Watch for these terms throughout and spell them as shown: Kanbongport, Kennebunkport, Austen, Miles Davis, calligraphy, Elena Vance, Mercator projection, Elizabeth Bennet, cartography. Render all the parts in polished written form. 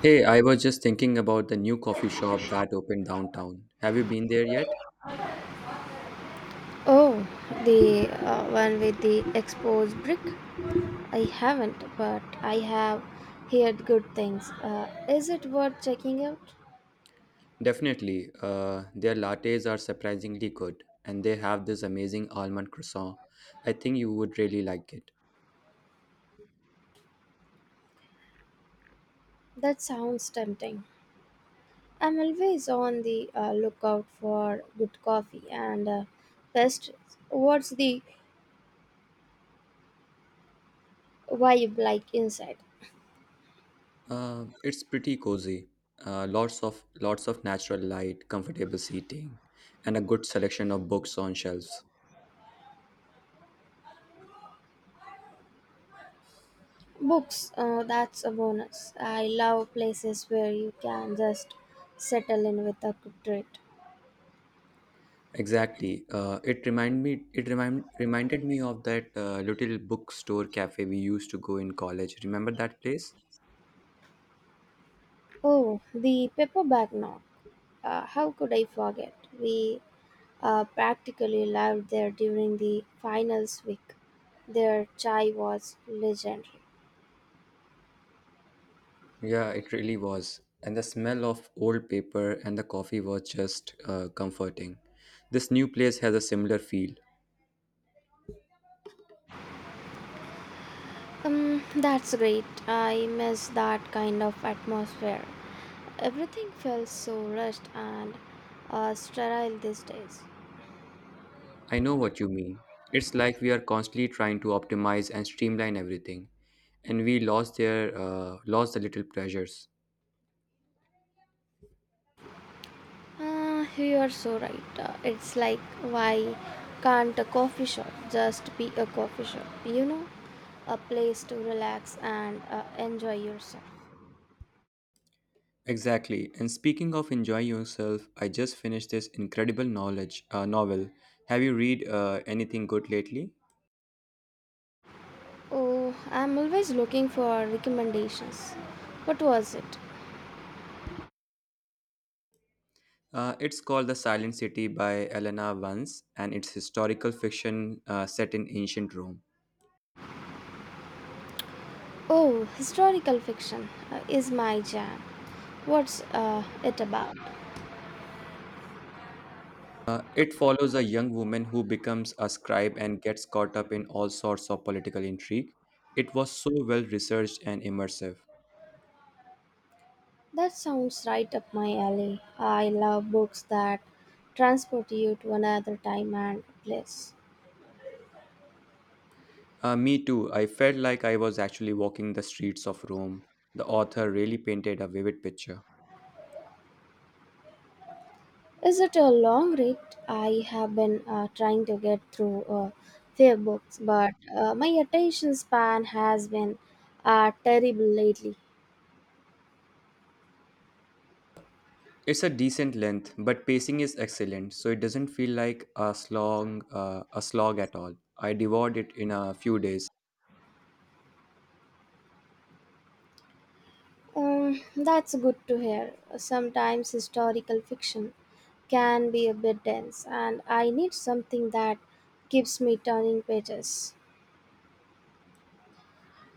Hey, I was just thinking about the new coffee shop that opened downtown. Have you been there yet? Oh, the one with the exposed brick? I haven't, but I have heard good things. Is it worth checking out? Definitely. Their lattes are surprisingly good, and they have this amazing almond croissant. I think you would really like it. That sounds tempting. I'm always on the lookout for good coffee and pastries. What's the vibe like inside? It's pretty cozy. Lots of lots of natural light, comfortable seating, and a good selection of books on shelves. Books, that's a bonus. I love places where you can just settle in with a good treat. Exactly. It remind me. It remind reminded me of that little bookstore cafe we used to go in college. Remember that place? Oh, the paperback now. How could I forget? We practically lived there during the finals week. Their chai was legendary. Yeah, it really was. And the smell of old paper and the coffee was just comforting. This new place has a similar feel. That's great. I miss that kind of atmosphere. Everything feels so rushed and sterile these days. I know what you mean. It's like we are constantly trying to optimize and streamline everything, and we lost the little pleasures. You are so right. It's like why can't a coffee shop just be a coffee shop? A place to relax and enjoy yourself. Exactly. And speaking of enjoying yourself, I just finished this incredible knowledge novel. Have you read anything good lately? Oh, I'm always looking for recommendations. What was it? It's called The Silent City by Elena Vance, and it's historical fiction set in ancient Rome. Oh, historical fiction is my jam. What's it about? It follows a young woman who becomes a scribe and gets caught up in all sorts of political intrigue. It was so well researched and immersive. That sounds right up my alley. I love books that transport you to another time and place. Me too, I felt like I was actually walking the streets of Rome. The author really painted a vivid picture. Is it a long read? I have been trying to get through a few books, but my attention span has been terrible lately. It's a decent length, but pacing is excellent, so it doesn't feel like a slog at all. I devoured it in a few days. That's good to hear. Sometimes historical fiction can be a bit dense, and I need something that keeps me turning pages.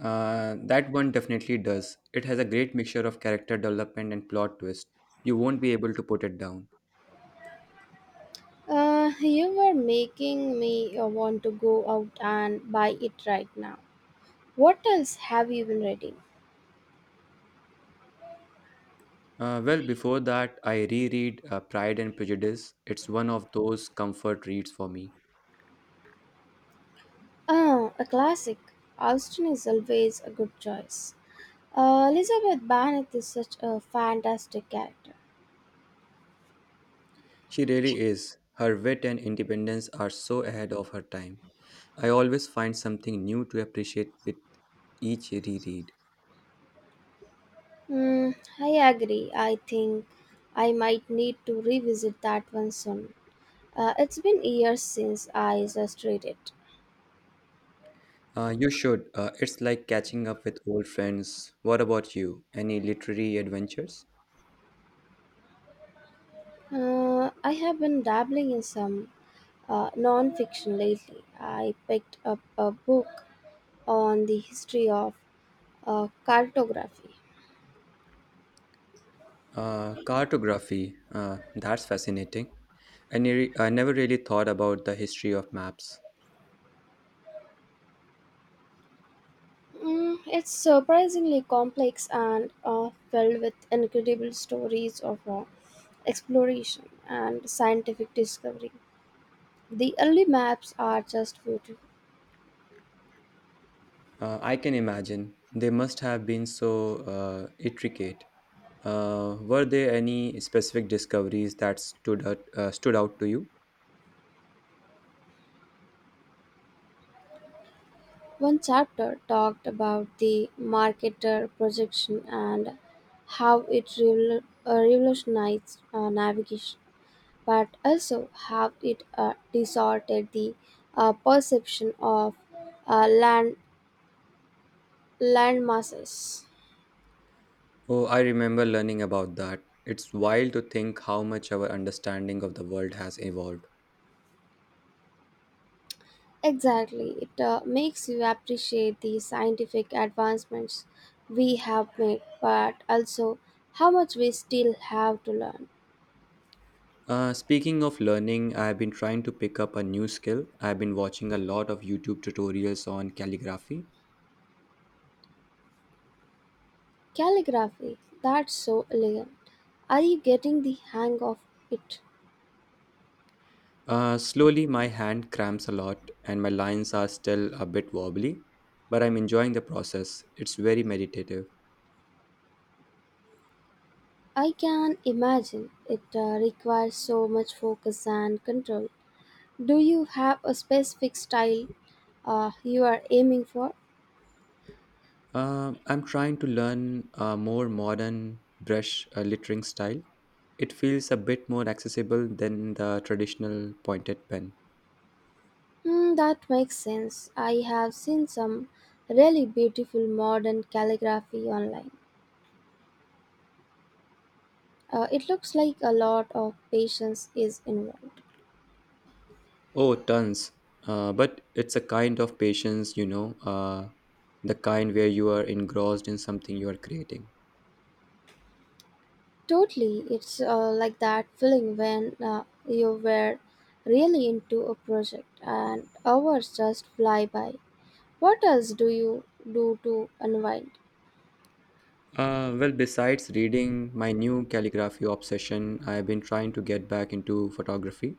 That one definitely does. It has a great mixture of character development and plot twist. You won't be able to put it down. You were making me want to go out and buy it right now. What else have you been reading? Well, before that, I reread Pride and Prejudice. It's one of those comfort reads for me. Ah, a classic. Austen is always a good choice. Elizabeth Bennet is such a fantastic character. She really is. Her wit and independence are so ahead of her time. I always find something new to appreciate with each reread. Mm, I agree. I think I might need to revisit that one soon. It's been years since I just read it. You should. It's like catching up with old friends. What about you? Any literary adventures? I have been dabbling in some non fiction lately. I picked up a book on the history of cartography. Cartography. That's fascinating. I never really thought about the history of maps. Mm, it's surprisingly complex and filled with incredible stories of exploration and scientific discovery. The early maps are just beautiful. I can imagine they must have been so intricate. Were there any specific discoveries that stood out to you? One chapter talked about the marketer projection and how it revolutionized navigation, but also how it distorted the perception of uh, land land masses. Oh, I remember learning about that. It's wild to think how much our understanding of the world has evolved. Exactly, it makes you appreciate the scientific advancements we have made, but also how much we still have to learn. Speaking of learning, I've been trying to pick up a new skill. I've been watching a lot of YouTube tutorials on calligraphy. Calligraphy, that's so elegant. Are you getting the hang of it? Slowly, my hand cramps a lot, and my lines are still a bit wobbly, but I'm enjoying the process. It's very meditative. I can imagine it requires so much focus and control. Do you have a specific style you are aiming for? I'm trying to learn a more modern brush lettering style. It feels a bit more accessible than the traditional pointed pen. Hmm, that makes sense. I have seen some really beautiful modern calligraphy online. It looks like a lot of patience is involved. Oh, tons. But it's a kind of patience, you know, the kind where you are engrossed in something you are creating. Totally, it's like that feeling when you were really into a project and hours just fly by. What else do you do to unwind? Well, besides reading my new calligraphy obsession, I've been trying to get back into photography.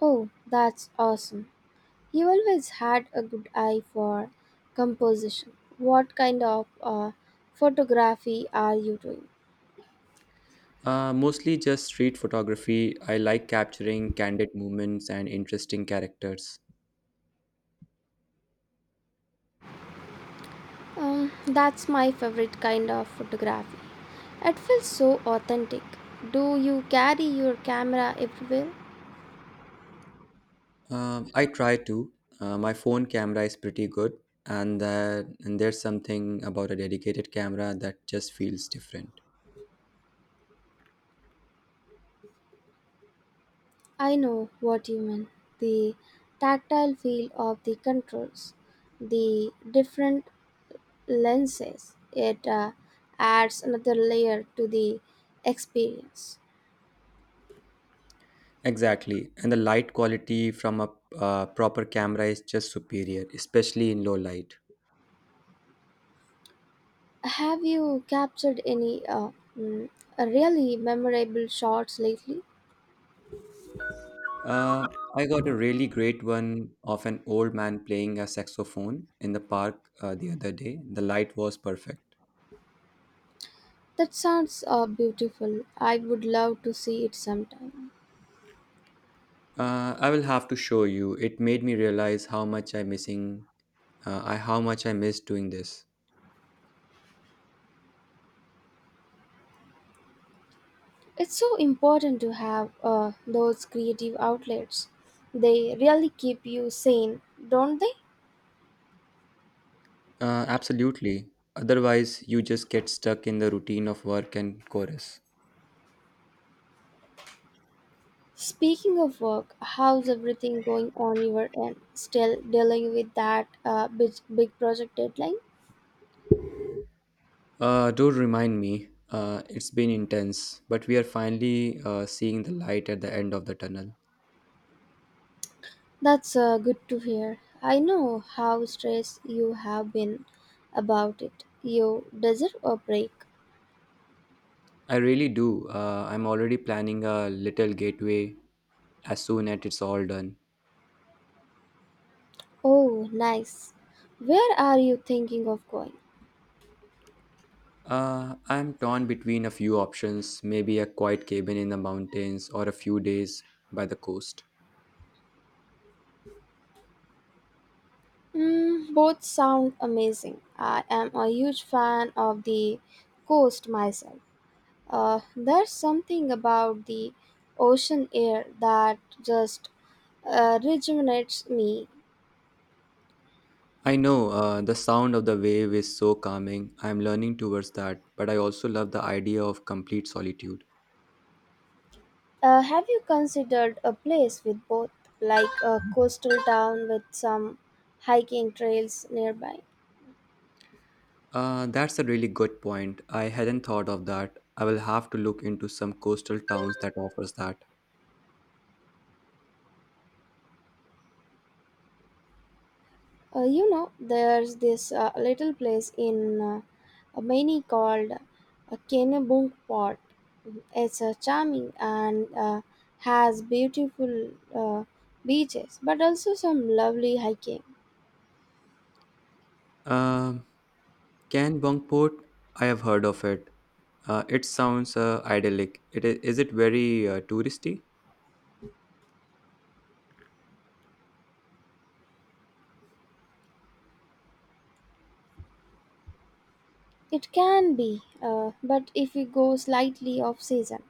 Oh, that's awesome. You always had a good eye for composition. What kind of photography are you doing? Mostly just street photography. I like capturing candid moments and interesting characters. That's my favorite kind of photography. It feels so authentic. Do you carry your camera everywhere? I try to. My phone camera is pretty good, and there's something about a dedicated camera that just feels different. I know what you mean. The tactile feel of the controls, the different lenses, it adds another layer to the experience. Exactly, and the light quality from a proper camera is just superior, especially in low light. Have you captured any mm, really memorable shots lately? Uh, I got a really great one of an old man playing a saxophone in the park the other day. The light was perfect. That sounds beautiful. I would love to see it sometime. I will have to show you. It made me realize how much I missing. I how much I miss doing this. It's so important to have those creative outlets. They really keep you sane, don't they? Absolutely. Otherwise, you just get stuck in the routine of work and chorus. Speaking of work, how's everything going on your end? Still dealing with that big project deadline? Don't remind me. It's been intense, but we are finally seeing the light at the end of the tunnel. That's good to hear. I know how stressed you have been about it. You deserve a break. I really do. I'm already planning a little gateway as soon as it's all done. Oh, nice. Where are you thinking of going? I'm torn between a few options, maybe a quiet cabin in the mountains or a few days by the coast. Mm, both sound amazing. I am a huge fan of the coast myself. There's something about the ocean air that just rejuvenates me. I know the sound of the wave is so calming. I'm learning towards that, but I also love the idea of complete solitude. Have you considered a place with both, like a coastal town with some hiking trails nearby? That's a really good point. I hadn't thought of that. I will have to look into some coastal towns that offers that. There's this little place in Maine called Kennebunkport. It's charming and has beautiful beaches, but also some lovely hiking. Um, Kanbongport, I have heard of it. It sounds idyllic. Is it very touristy? It can be, but if you go slightly off season.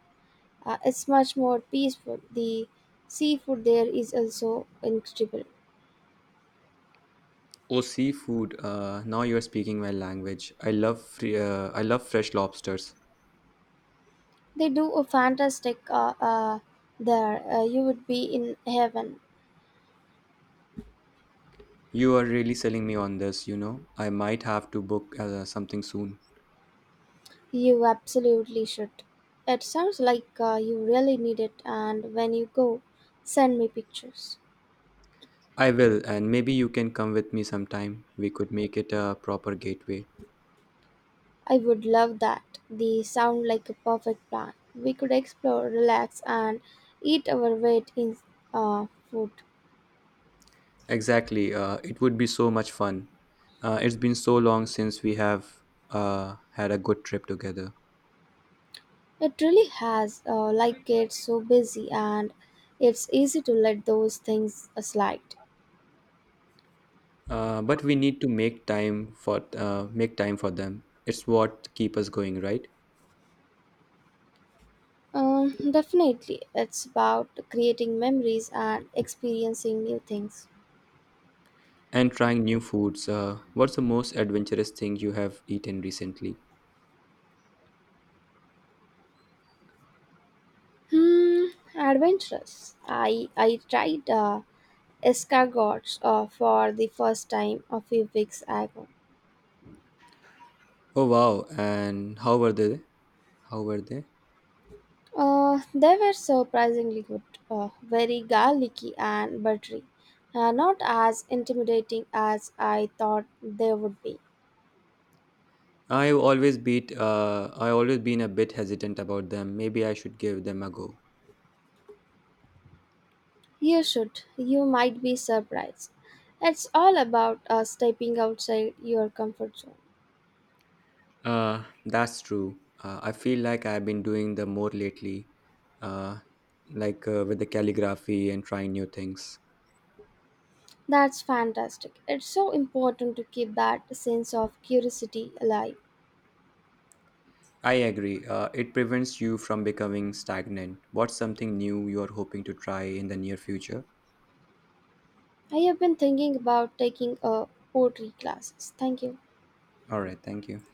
It's much more peaceful. The seafood there is also incredible. Oh, seafood. Now you're speaking my language. I love fresh lobsters. They do a fantastic there. You would be in heaven. You are really selling me on this, you know. I might have to book something soon. You absolutely should. It sounds like you really need it. And when you go, send me pictures. I will, and maybe you can come with me sometime. We could make it a proper gateway. I would love that. They sound like a perfect plan. We could explore, relax, and eat our weight in food. Exactly. It would be so much fun. It's been so long since we have had a good trip together. It really has, like, gets so busy and it's easy to let those things slide. But we need to make time for them. It's what keep us going, right? Definitely, it's about creating memories and experiencing new things. And trying new foods. What's the most adventurous thing you have eaten recently? Hmm, adventurous. I tried escargots for the first time a few weeks ago. Oh wow! And how were they? How were they? They were surprisingly good, very garlicky and buttery, not as intimidating as I thought they would be. I've always beat. I always been a bit hesitant about them. Maybe I should give them a go. You should. You might be surprised. It's all about stepping outside your comfort zone. That's true. I feel like I've been doing the more lately, uh, with the calligraphy and trying new things. That's fantastic. It's so important to keep that sense of curiosity alive. I agree. It prevents you from becoming stagnant. What's something new you're hoping to try in the near future? I have been thinking about taking a poetry classes. Thank you. All right, thank you.